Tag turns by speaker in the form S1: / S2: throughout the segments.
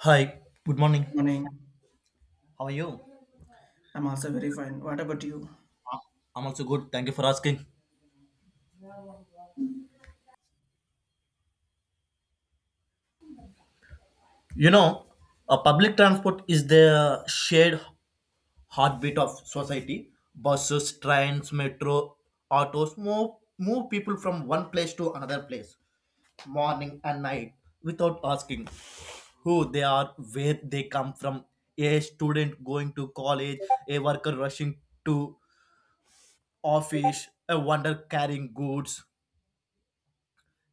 S1: Hi, good morning.
S2: Morning.
S1: How are you?
S2: I'm also very fine. What about you?
S1: I'm also good. Thank you for asking. You know, a public transport is the shared heartbeat of society. Buses, trains, metro, autos move people from one place to another place, morning and night, without asking who they are, where they come from. A student going to college, a worker rushing to office, a wonder carrying goods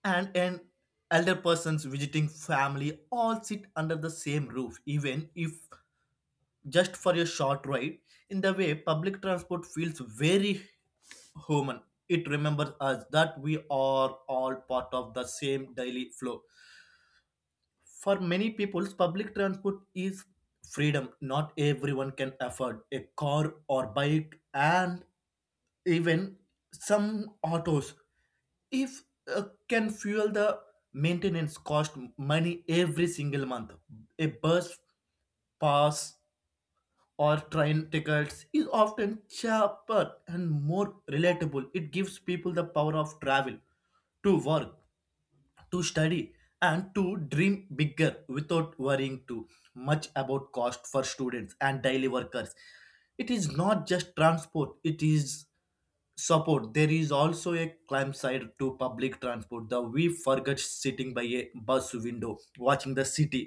S1: and an elder persons visiting family all sit under the same roof even if just for a short ride in the way public transport feels very human. It remembers us that we are all part of the same daily flow. For many people public transport is freedom. Not everyone can afford a car or bike, and even some autos if uh, can fuel the maintenance cost money every single month. A bus pass or train tickets is often cheaper and more relatable. It gives people the power of travel to work, to study, and to dream bigger without worrying too much about cost. For students and daily workers it is not just transport, it is support. There is also a climbside to public transport the we forget sitting by a bus window watching the city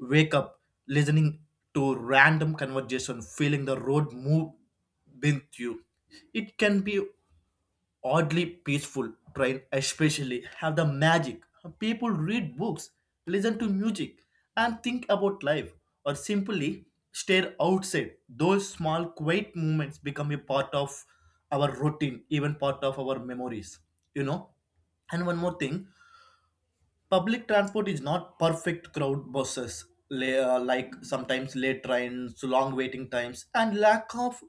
S1: wake up, listening to random conversation, feeling the road move with you. It can be oddly peaceful. Train especially have the magic. People read books, listen to music, and think about life, or simply stare outside. Those small quiet moments become a part of our routine, even part of our memories, you know. And one more thing, public transport is not perfect. Crowd buses, like sometimes late trains, long waiting times, and lack of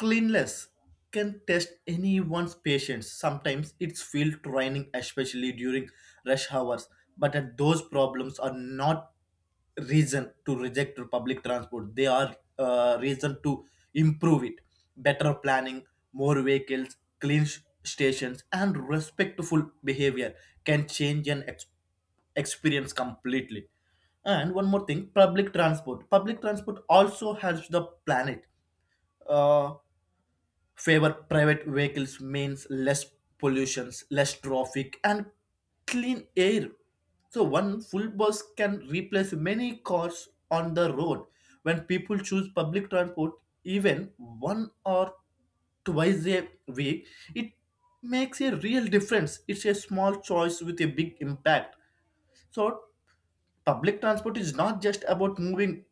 S1: cleanliness can test anyone's patience. Sometimes it's field training, especially during rush hours. But those problems are not reason to reject public transport. They are reason to improve it. Better planning, more vehicles, clean stations, and respectful behavior can change an experience completely. And one more thing, public transport. Public transport also helps the planet. Uh, Favor private vehicles means less pollutions, less traffic, and clean air. So one full bus can replace many cars on the road. When people choose public transport even one or twice a week, it makes a real difference. It's a small choice with a big impact. So public transport is not just about moving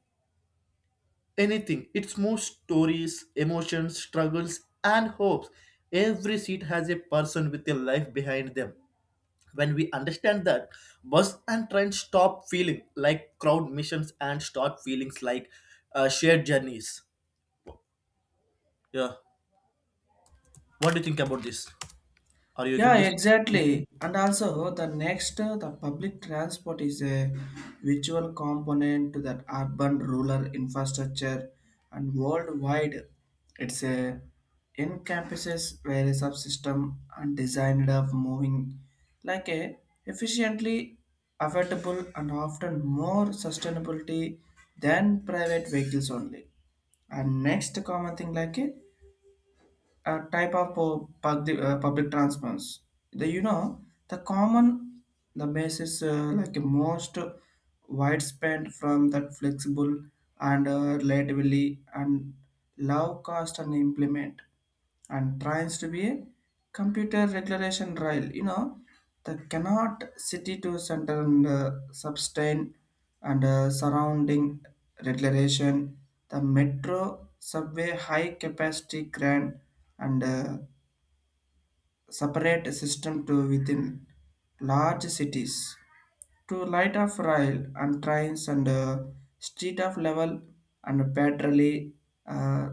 S1: anything. It's more stories, emotions, struggles, and hopes. Every seat has a person with a life behind them. When we understand that, bus and train stop feeling like crowd missions and start feelings like shared journeys. Yeah. What do you think about this? Are you agree
S2: Yeah,
S1: this?
S2: exactly. And also, the next, the public transport is a virtual component to that urban rural infrastructure and worldwide. It's a encompasses various subsystem and designed of moving like a efficiently affordable and often more sustainability than private vehicles only. And next common thing like a type of public, public transports. The, you know, the common, the basis like most widespread from that flexible and relatively and low cost and implement and tries to be a computer regulation rail. You know, the cannot city to center and sustain and surrounding regulation, the metro, subway, high capacity grand and separate system to within large cities. To light of rail and trains and street of level and patrally uh,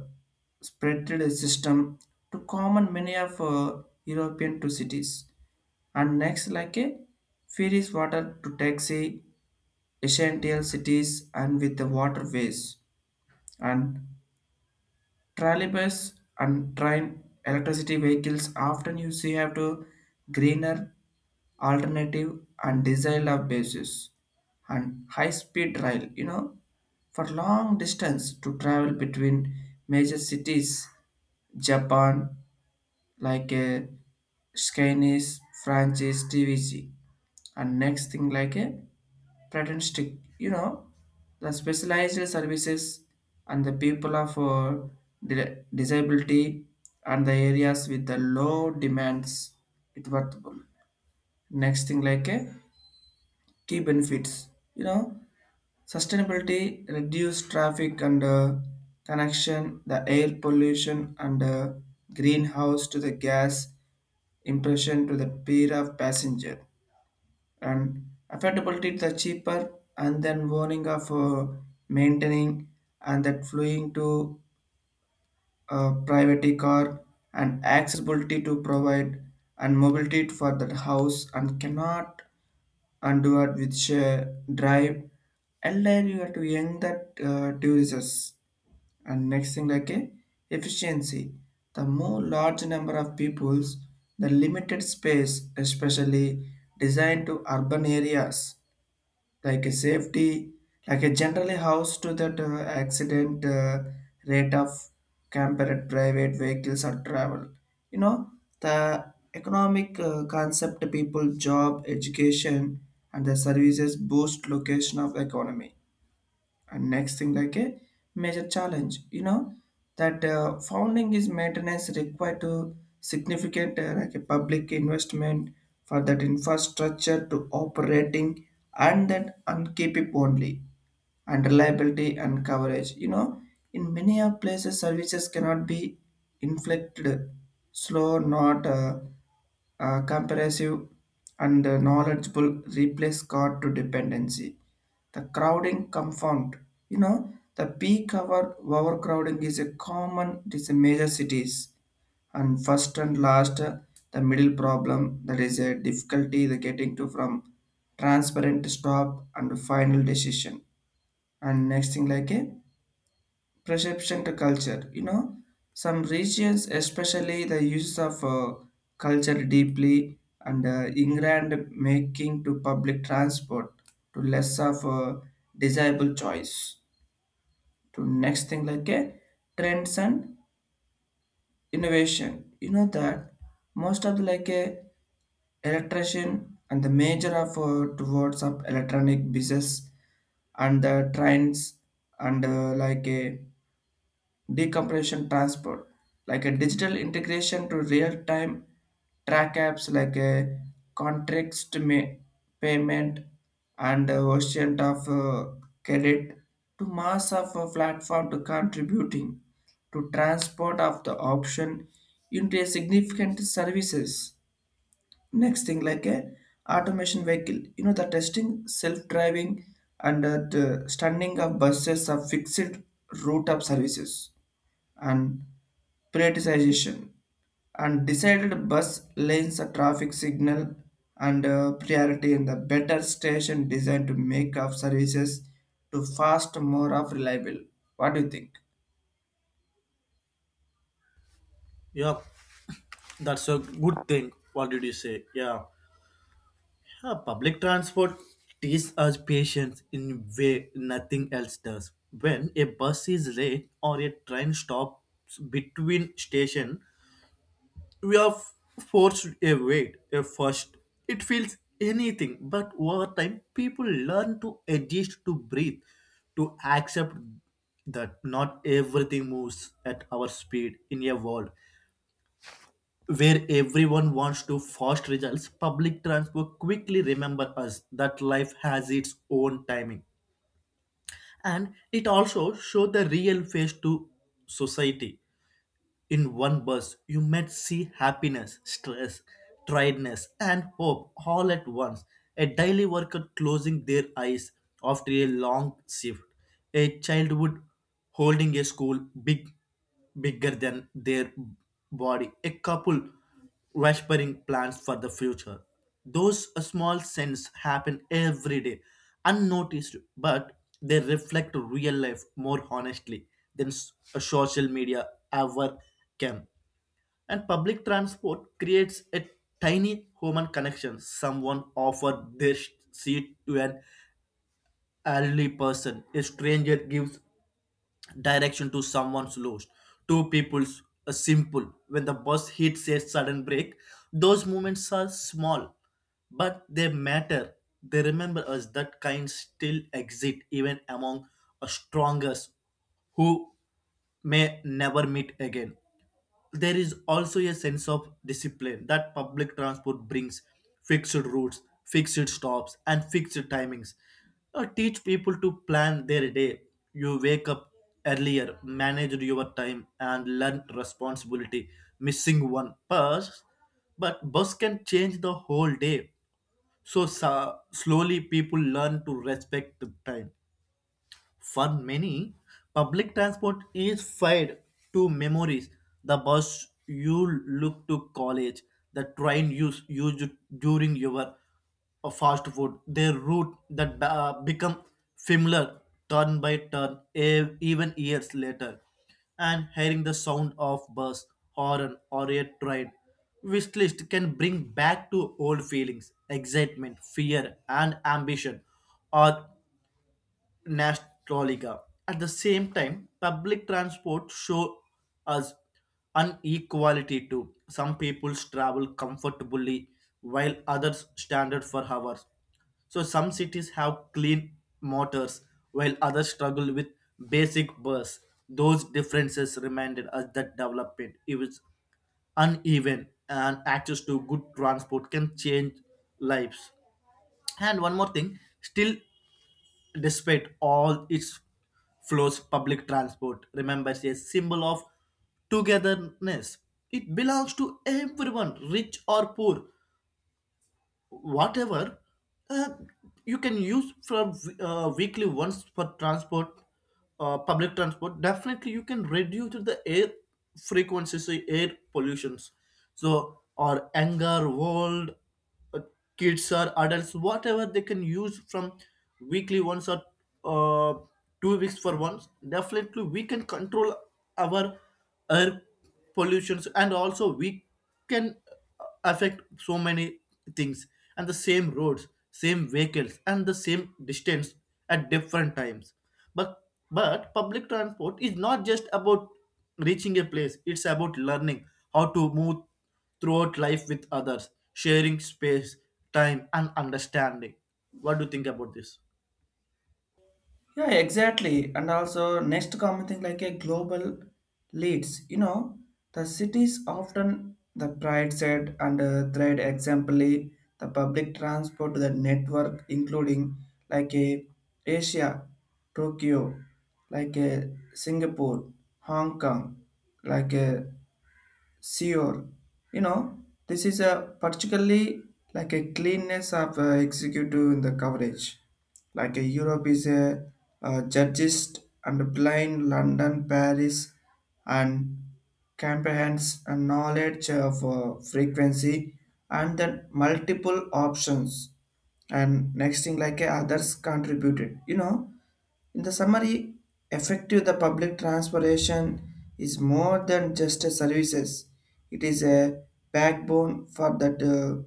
S2: spreaded system to common many of European to cities. And next like a ferries water to taxi essential cities and with the waterways and trolleybus and train electricity vehicles often you see have to greener alternative and desirable basis and high speed rail, you know, for long distance to travel between major cities Japan like a Chinese, Francis, TVC. And next thing like a pretends to, you know, the specialized services and the people of disability and the areas with the low demands it worthwhile. Next thing like a key benefits, you know, sustainability reduce traffic and connection the air pollution and greenhouse to the gas impression to the pair of passenger, and affordability the cheaper and then warning of maintaining and that flying to a private car, and accessibility to provide and mobility for that house and cannot undo it with share drive LR you have to young that tourists. And next thing like a efficiency the more large number of peoples the limited space especially designed to urban areas, like a safety, like a generally house to that accident rate of compared private vehicles or travel. You know, the economic concept people, job, education, and the services boost location of economy. And next thing like a major challenge, you know, that founding is maintenance required to significant like a public investment for that infrastructure to operating and then and keep it only, and reliability and coverage, you know, in many of places services cannot be inflicted slow not comprehensive and knowledgeable replace card to dependency the crowding confound, you know, the peak hour overcrowding is a common it is a major cities, and first and last the middle problem that is a difficulty the getting to from transparent stop and final decision. And next thing like a perception to culture. You know, some regions, especially the use of culture deeply and ingrained making to public transport to less of a desirable choice to next thing like a trends and innovation. You know that most of the like a electrician and the major of towards of electronic business and the trends and like a decompression transport, like a digital integration to real-time track apps like a context payment and ocean of credit to mass of a platform to contributing to transport of the option into a significant services. Next thing like a automation vehicle, you know, the testing self-driving and the stunning of buses of fixed route of services and prioritization and decided bus lanes a traffic signal and priority in the better station design to make up services to fast more of reliable. What do you think?
S1: Yeah, that's a good thing. What did you say? Yeah. Public transport teaches us patience in a way nothing else does. When a bus is late or a train stops between station, we are forced a wait. A first, it feels anything, but over time, people learn to adjust, to breathe, to accept that not everything moves at our speed. In a world where everyone wants to fast results, public transport quickly remember us that life has its own timing. And it also show the real face to society. In one bus, you might see happiness, stress, tiredness, and hope all at once. A daily worker closing their eyes after a long shift. A childhood holding a school bigger than their body. A couple whispering plans for the future. Those small sins happen every day, unnoticed, but they reflect real life more honestly than social media ever can. And public transport creates a tiny human connection. Someone offers their seat to an elderly person. A stranger gives direction to someone's lost two people's a simple when the bus hits a sudden break. Those moments are small but they matter. They remember us that kind still exist even among a strongest who may never meet again. There is also a sense of discipline that public transport brings. Fixed routes, fixed stops, and fixed timings teach people to plan their day. You wake up earlier, manage your time, and learn responsibility. Missing one bus but bus can change the whole day. So slowly people learn to respect the time. For many, public transport is fed to memories. The bus you look to college, the train you used during your fast food, their route that become familiar turn by turn, even years later. And hearing the sound of bus, horn, or a train wish list can bring back to old feelings, excitement, fear, and ambition, or Nastalica. At the same time, public transport show us inequality too. Some people travel comfortably while others standard for hours. So some cities have clean motors while others struggle with basic bus. Those differences reminded us that development is uneven and access to good transport can change lives. And one more thing, still despite all its flaws, public transport remembers a symbol of togetherness. It belongs to everyone, rich or poor, whatever uh, you can use from weekly once for transport. Public transport definitely you can reduce the air frequencies, air pollutions. So or anger world, uh, kids or adults, whatever they can use from weekly once or uh, 2 weeks for once, definitely we can control our air pollutions, and also we can affect so many things, and the same roads, same vehicles, and the same distance at different times. But but public transport is not just about reaching a place. It's about learning how to move throughout life with others, sharing space, time, and understanding. What do you think about this?
S2: Yeah, exactly. And also, next common thing like a global leads. You know, the cities often the pride said and thread exemplary the public transport the network, including like a Asia, Tokyo, like a Singapore, Hong Kong, like a Sure, you know, this is a particularly like a cleanness of executive in the coverage. Like a Europe is a, judges and blind London, Paris, and comprehends a knowledge of frequency and then multiple options. And next thing like a others contributed, you know, in the summary, effective the public transportation is more than just a services. It is a backbone for that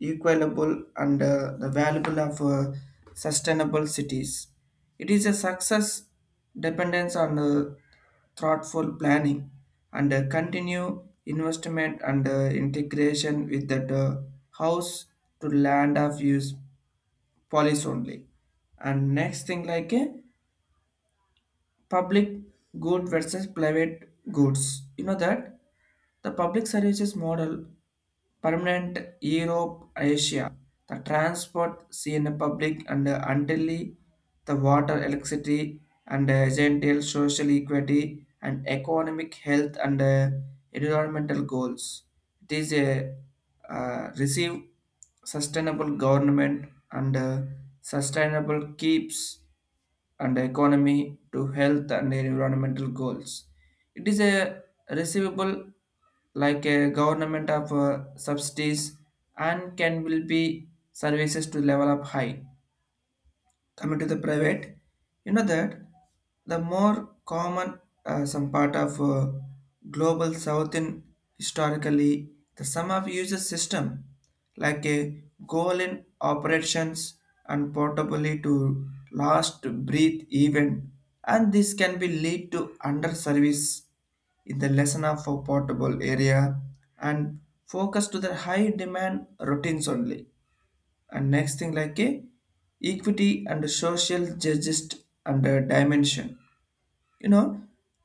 S2: equitable and the valuable of sustainable cities. It is a success dependence on thoughtful planning and continue investment and integration with that house to land of use policy only. And next thing like a public good versus private goods. You know that the public services model permanent Europe, Asia, the transport seen in public and until the water, electricity, and gentile social equity and economic health and environmental goals. It is a receive sustainable government and sustainable keeps and economy to health and environmental goals. It is a receivable like a government of subsidies and can will be services to level up high coming to the private, you know, that the more common some part of global south in historically the sum of uses system like a goal in operations and portably to last breathe even, and this can be lead to under service in the lesson of a portable area and focus to the high demand routines only. And next thing like a equity and social justice and a dimension, you know,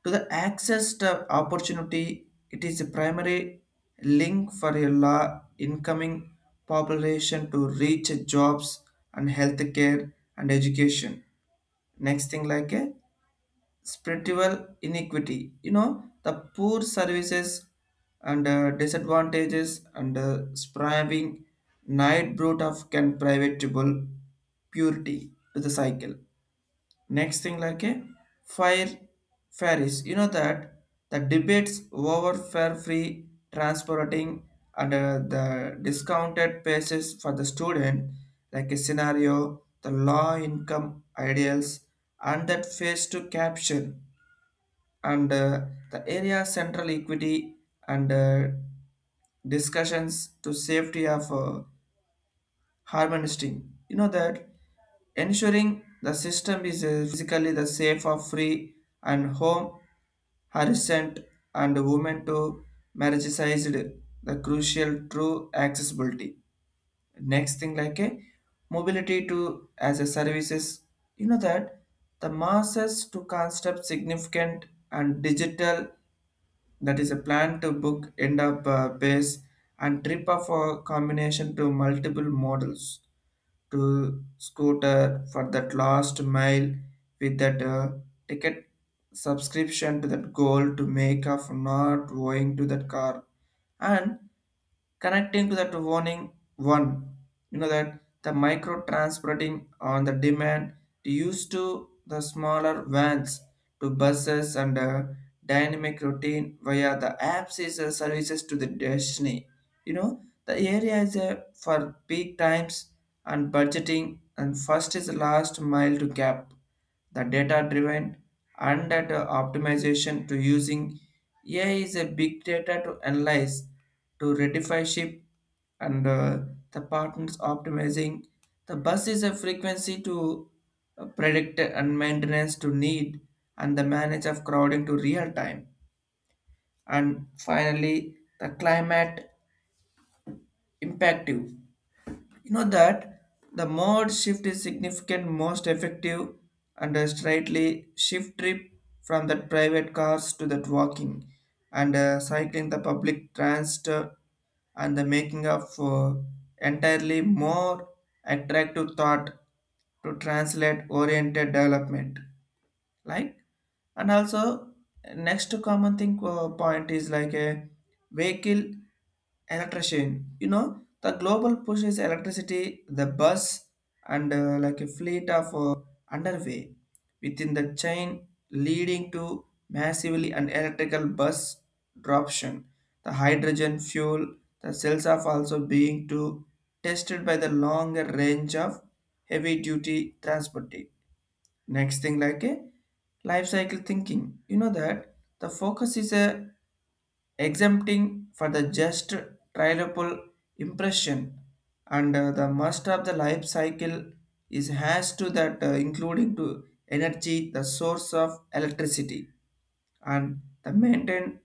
S2: to the access to opportunity it is a primary link for a law incoming population to reach jobs and healthcare and education. Next thing like a spiritual inequity, you know, the poor services and disadvantages and striving night brute of can privatable purity to the cycle. Next thing like a fire ferries, you know, that the debates over fare free transporting and the discounted prices for the student like a scenario the low income ideals and that face to caption and the area central equity, and discussions to safety of harvesting. You know that ensuring the system is physically the safe of free and home harassment and women to marriageized the crucial true accessibility. Next thing like a mobility to as a services. You know that the masses to construct significant and digital that is a plan to book end up base and trip of a combination to multiple models to scooter for that last mile with that ticket subscription to that goal to make of not going to that car, and connecting to that warning one, you know, that the micro transporting on the demand used to the smaller vans to buses and dynamic routine via the apps is services to the destiny, you know, the area is for peak times and budgeting and first is last mile to gap the data driven and that optimization to using AI is a big data to analyze to rectify ship and the partners optimizing. The bus is a frequency to predict and maintenance to need and the manage of crowding to real time. And finally, the climate impactive. You know that the mode shift is significant, most effective, and a slightly shift trip from that private cars to that walking and cycling the public transit and the making of entirely more attractive thought to translate oriented development like. And also next common thing point is like a vehicle electrician, you know, the global push is electricity the bus and like a fleet of underway within the chain leading to massively an electrical bus droption. The hydrogen fuel the cells are also being to tested by the longer range of heavy duty transport. Next thing like a life cycle thinking. You know that the focus is a exempting for the just trialable impression and the must of the life cycle is has to that including to energy the source of electricity and the maintain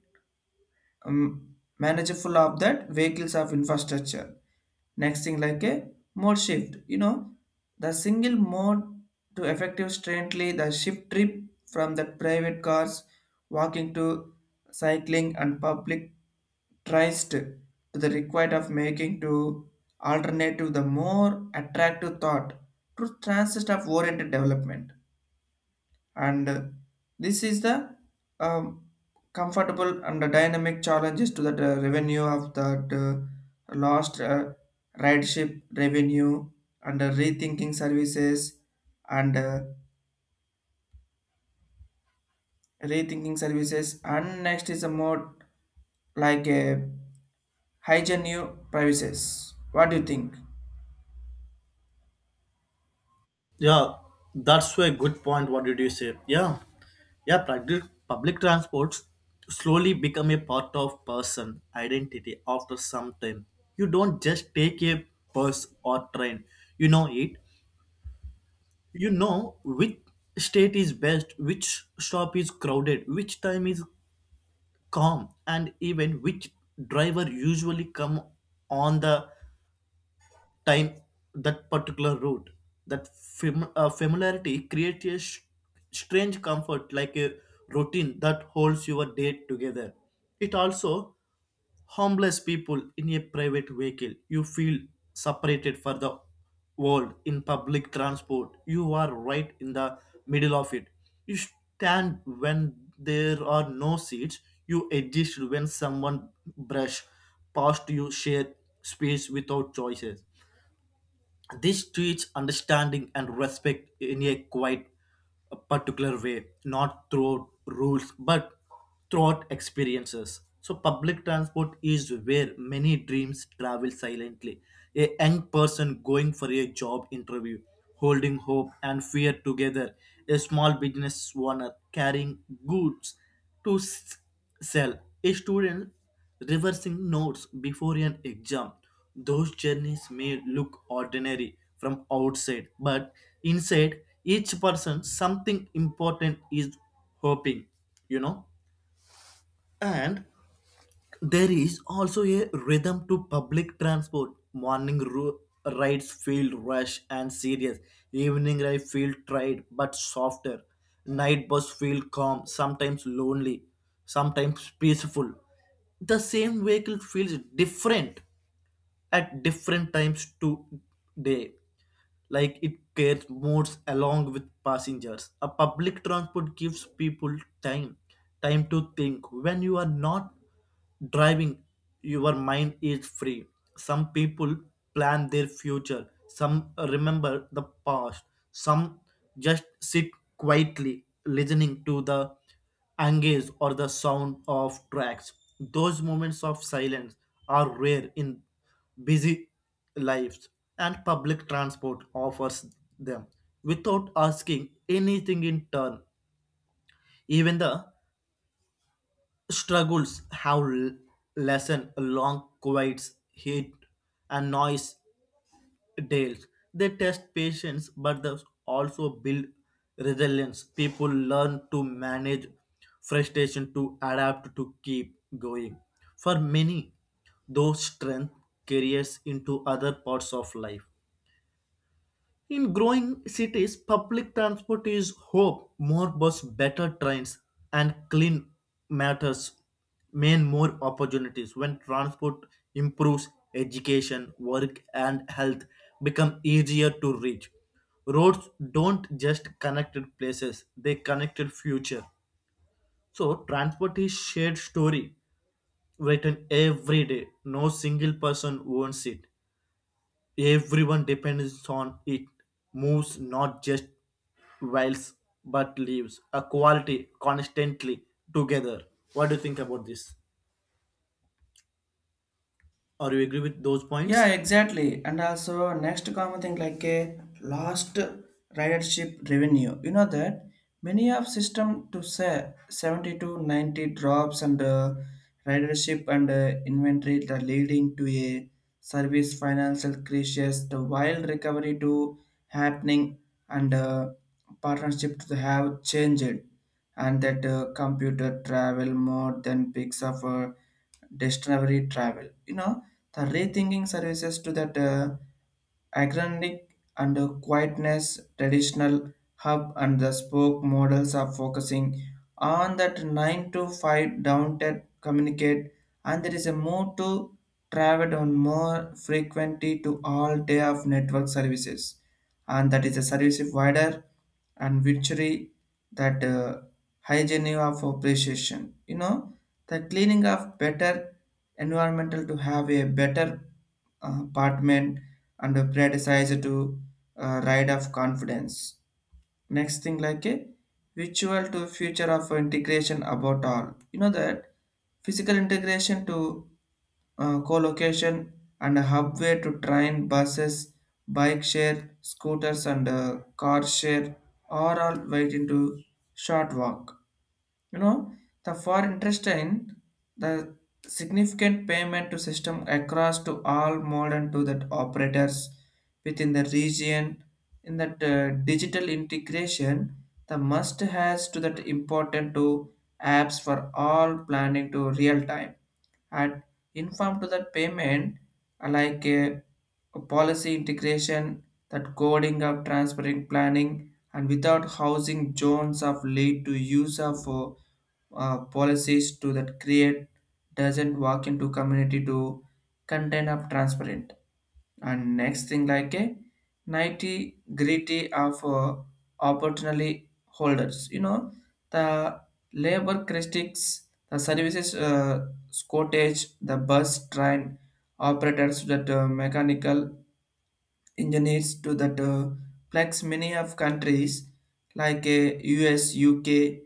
S2: manageable of that vehicles of infrastructure. Next thing like a mode shift, you know, the single mode to effective strengthly the shift trip from the private cars walking to cycling and public tries to the required of making to alternative the more attractive thought to transit of oriented development, and this is the um, comfortable and the dynamic challenges to the revenue of that lost rideship revenue, and and uh, rethinking services and next is a more like a hygiene new privacies. What do you think?
S1: Yeah, that's a good point. What did you say? Yeah, yeah. Public transports slowly become a part of person identity after some time. You don't just take a bus or train. You know it. You know which state is best, which shop is crowded, which time is calm, and even which driver usually come on the time that particular route. That familiarity creates a strange comfort, like a routine that holds your day together. It also homeless people in a private vehicle. You feel separated for the world. In public transport you are right in the middle of it. You stand when there are no seats. You exist when someone brush past. You share space without choices. This teach understanding and respect in a quite particular way, not through rules but throughout experiences. So public transport is where many dreams travel silently. A young person going for a job interview, holding hope and fear together. A small business owner carrying goods to sell. A student reversing notes before an exam. Those journeys may look ordinary from outside, but inside each person something important is hoping, you know. And there is also a rhythm to public transport. Morning rides feel rush and serious. Evening ride feel tried but softer. Night bus feel calm, sometimes lonely, sometimes peaceful. The same vehicle feels different at different times to day, like it carries modes along with passengers. A public transport gives people time time to think. When you are not driving, your mind is free. Some people plan their future, some remember the past, some just sit quietly listening to the anguish or the sound of tracks. Those moments of silence are rare in busy lives, and public transport offers them without asking anything in turn. Even the struggles have lessened long quiet heat and noise days. They test patience but they also build resilience. People learn to manage frustration, to adapt, to keep going. For many, those strength carries into other parts of life. In growing cities, public transport is hope. More bus, better trains, and clean matters mean more opportunities. When transport improves, education, work, and health become easier to reach. Roads don't just connected places; they connected future. So transport is shared story written every day. No single person owns it. Everyone depends on it. Moves not just whiles but leaves. A quality constantly together. What do you think about this? Or you agree with those
S2: Yeah,
S1: points?
S2: exactly. And also next common thing like a lost ridership revenue. You know that many of system to say 70 to 90 drops and ridership and inventory that are leading to a service financial crisis, the wild recovery to happening and partnership to have changed and that computer travel more than picks up discovery travel. You know, the rethinking services to that agnostic and quietness traditional hub and the spoke models are focusing on that 9 to 5 downtown communicate, and there is a move to travel on more frequency to all day of network services and that is a service provider and victory that hygiene of appreciation. You know, the cleaning of better environmental to have a better apartment and a predecessor to ride of confidence. Next thing like a virtual to future of integration about all. You know that physical integration to co-location and a hubway to train, buses, bike share, scooters and car share are all waiting to short walk. You know, the for interesting, the significant payment to system across to all modern to that operators within the region in that digital integration the must has to that important to apps for all planning to real time at inform to that payment like a policy integration that coding of transparent planning and without housing zones of lead to use of policies to that create doesn't walk into community to contain of transparent. And next thing like a 90 gritty of opportunity holders, you know, the labor critics the services shortage the bus train operators that mechanical engineers to that plugs many of countries like US, UK,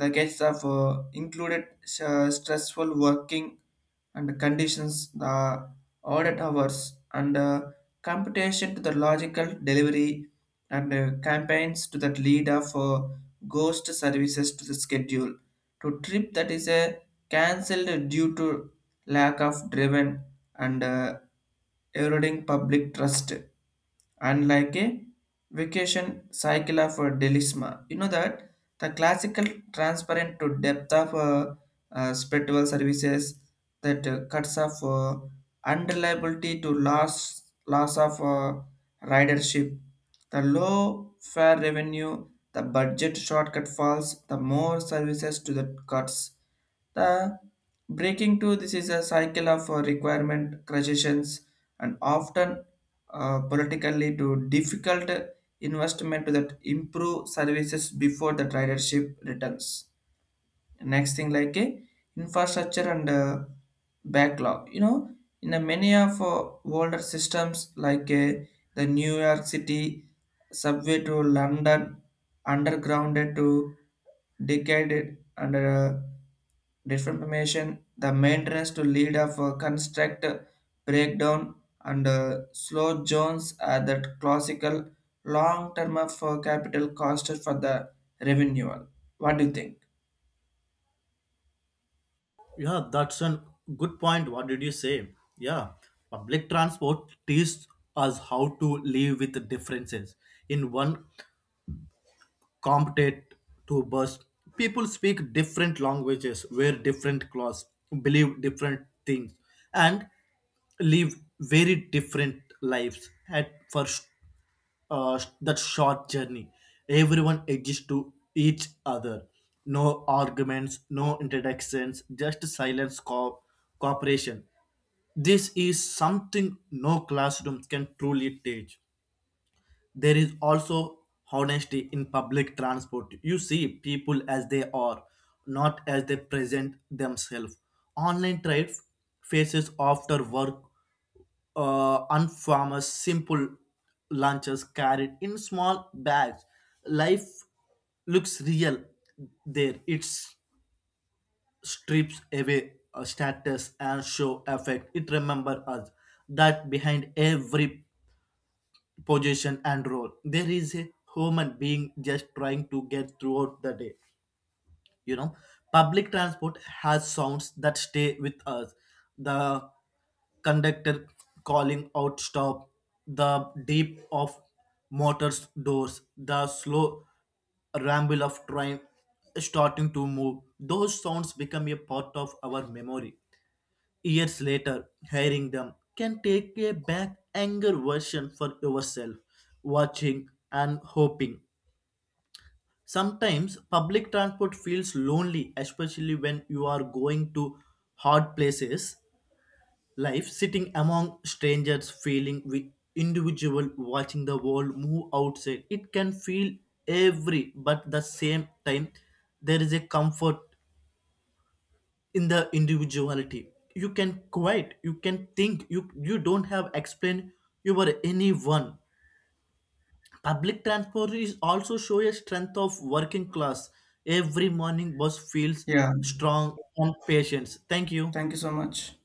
S2: the case of included stressful working and conditions, the audit hours and computation to the logical delivery and campaigns to that lead of ghost services to the schedule to trip that is a cancelled due to lack of driven and eroding public trust, and like a vacation cycle of delisma. You know that the classical transparent to depth of spiritual services that cuts off unreliability to loss of ridership. The low fare revenue, the budget shortcut falls, the more services to the cuts. The breaking to this is a cycle of requirement crushes and often politically to difficult investment that improve services before the ridership returns. Next thing like a infrastructure and backlog, you know, in the many of older systems like the New York City subway to London undergrounded to decayed under deformation the maintenance to lead of construct breakdown and slow zones are that classical long term of capital cost for the renewal. What do you think?
S1: Yeah, that's a good point. What did you say? Yeah, public transport teaches us how to live with the differences. In one competent to bus. People speak different languages, wear different clothes, believe different things, and live very different lives. At first that short journey. Everyone exists to each other. No arguments, no introductions, just silence cooperation. This is something no classroom can truly teach. There is also honesty in public transport. You see people as they are, not as they present themselves. Online trade faces after work, unfarmers, simple lunches carried in small bags. Life looks real there. It strips away a status and show effect. It remember us that behind every position and role. There is a human being just trying to get throughout the day. You know, public transport has sounds that stay with us. The conductor calling out stop, the deep of motors doors, the slow ramble of train starting to move. Those sounds become a part of our memory. Years later, hearing them can take a back anger version for yourself, watching and hoping. Sometimes public transport feels lonely, especially when you are going to hard places. Life sitting among strangers, feeling we individual, watching the world move outside. It can feel every, but the same time, there is a comfort in the individuality. You can quiet, you can think, you don't have explain you were anyone. Public transport is also show a strength of working class. Every morning bus feels
S2: Yeah.
S1: strong and patience. Thank you.
S2: Thank you so much.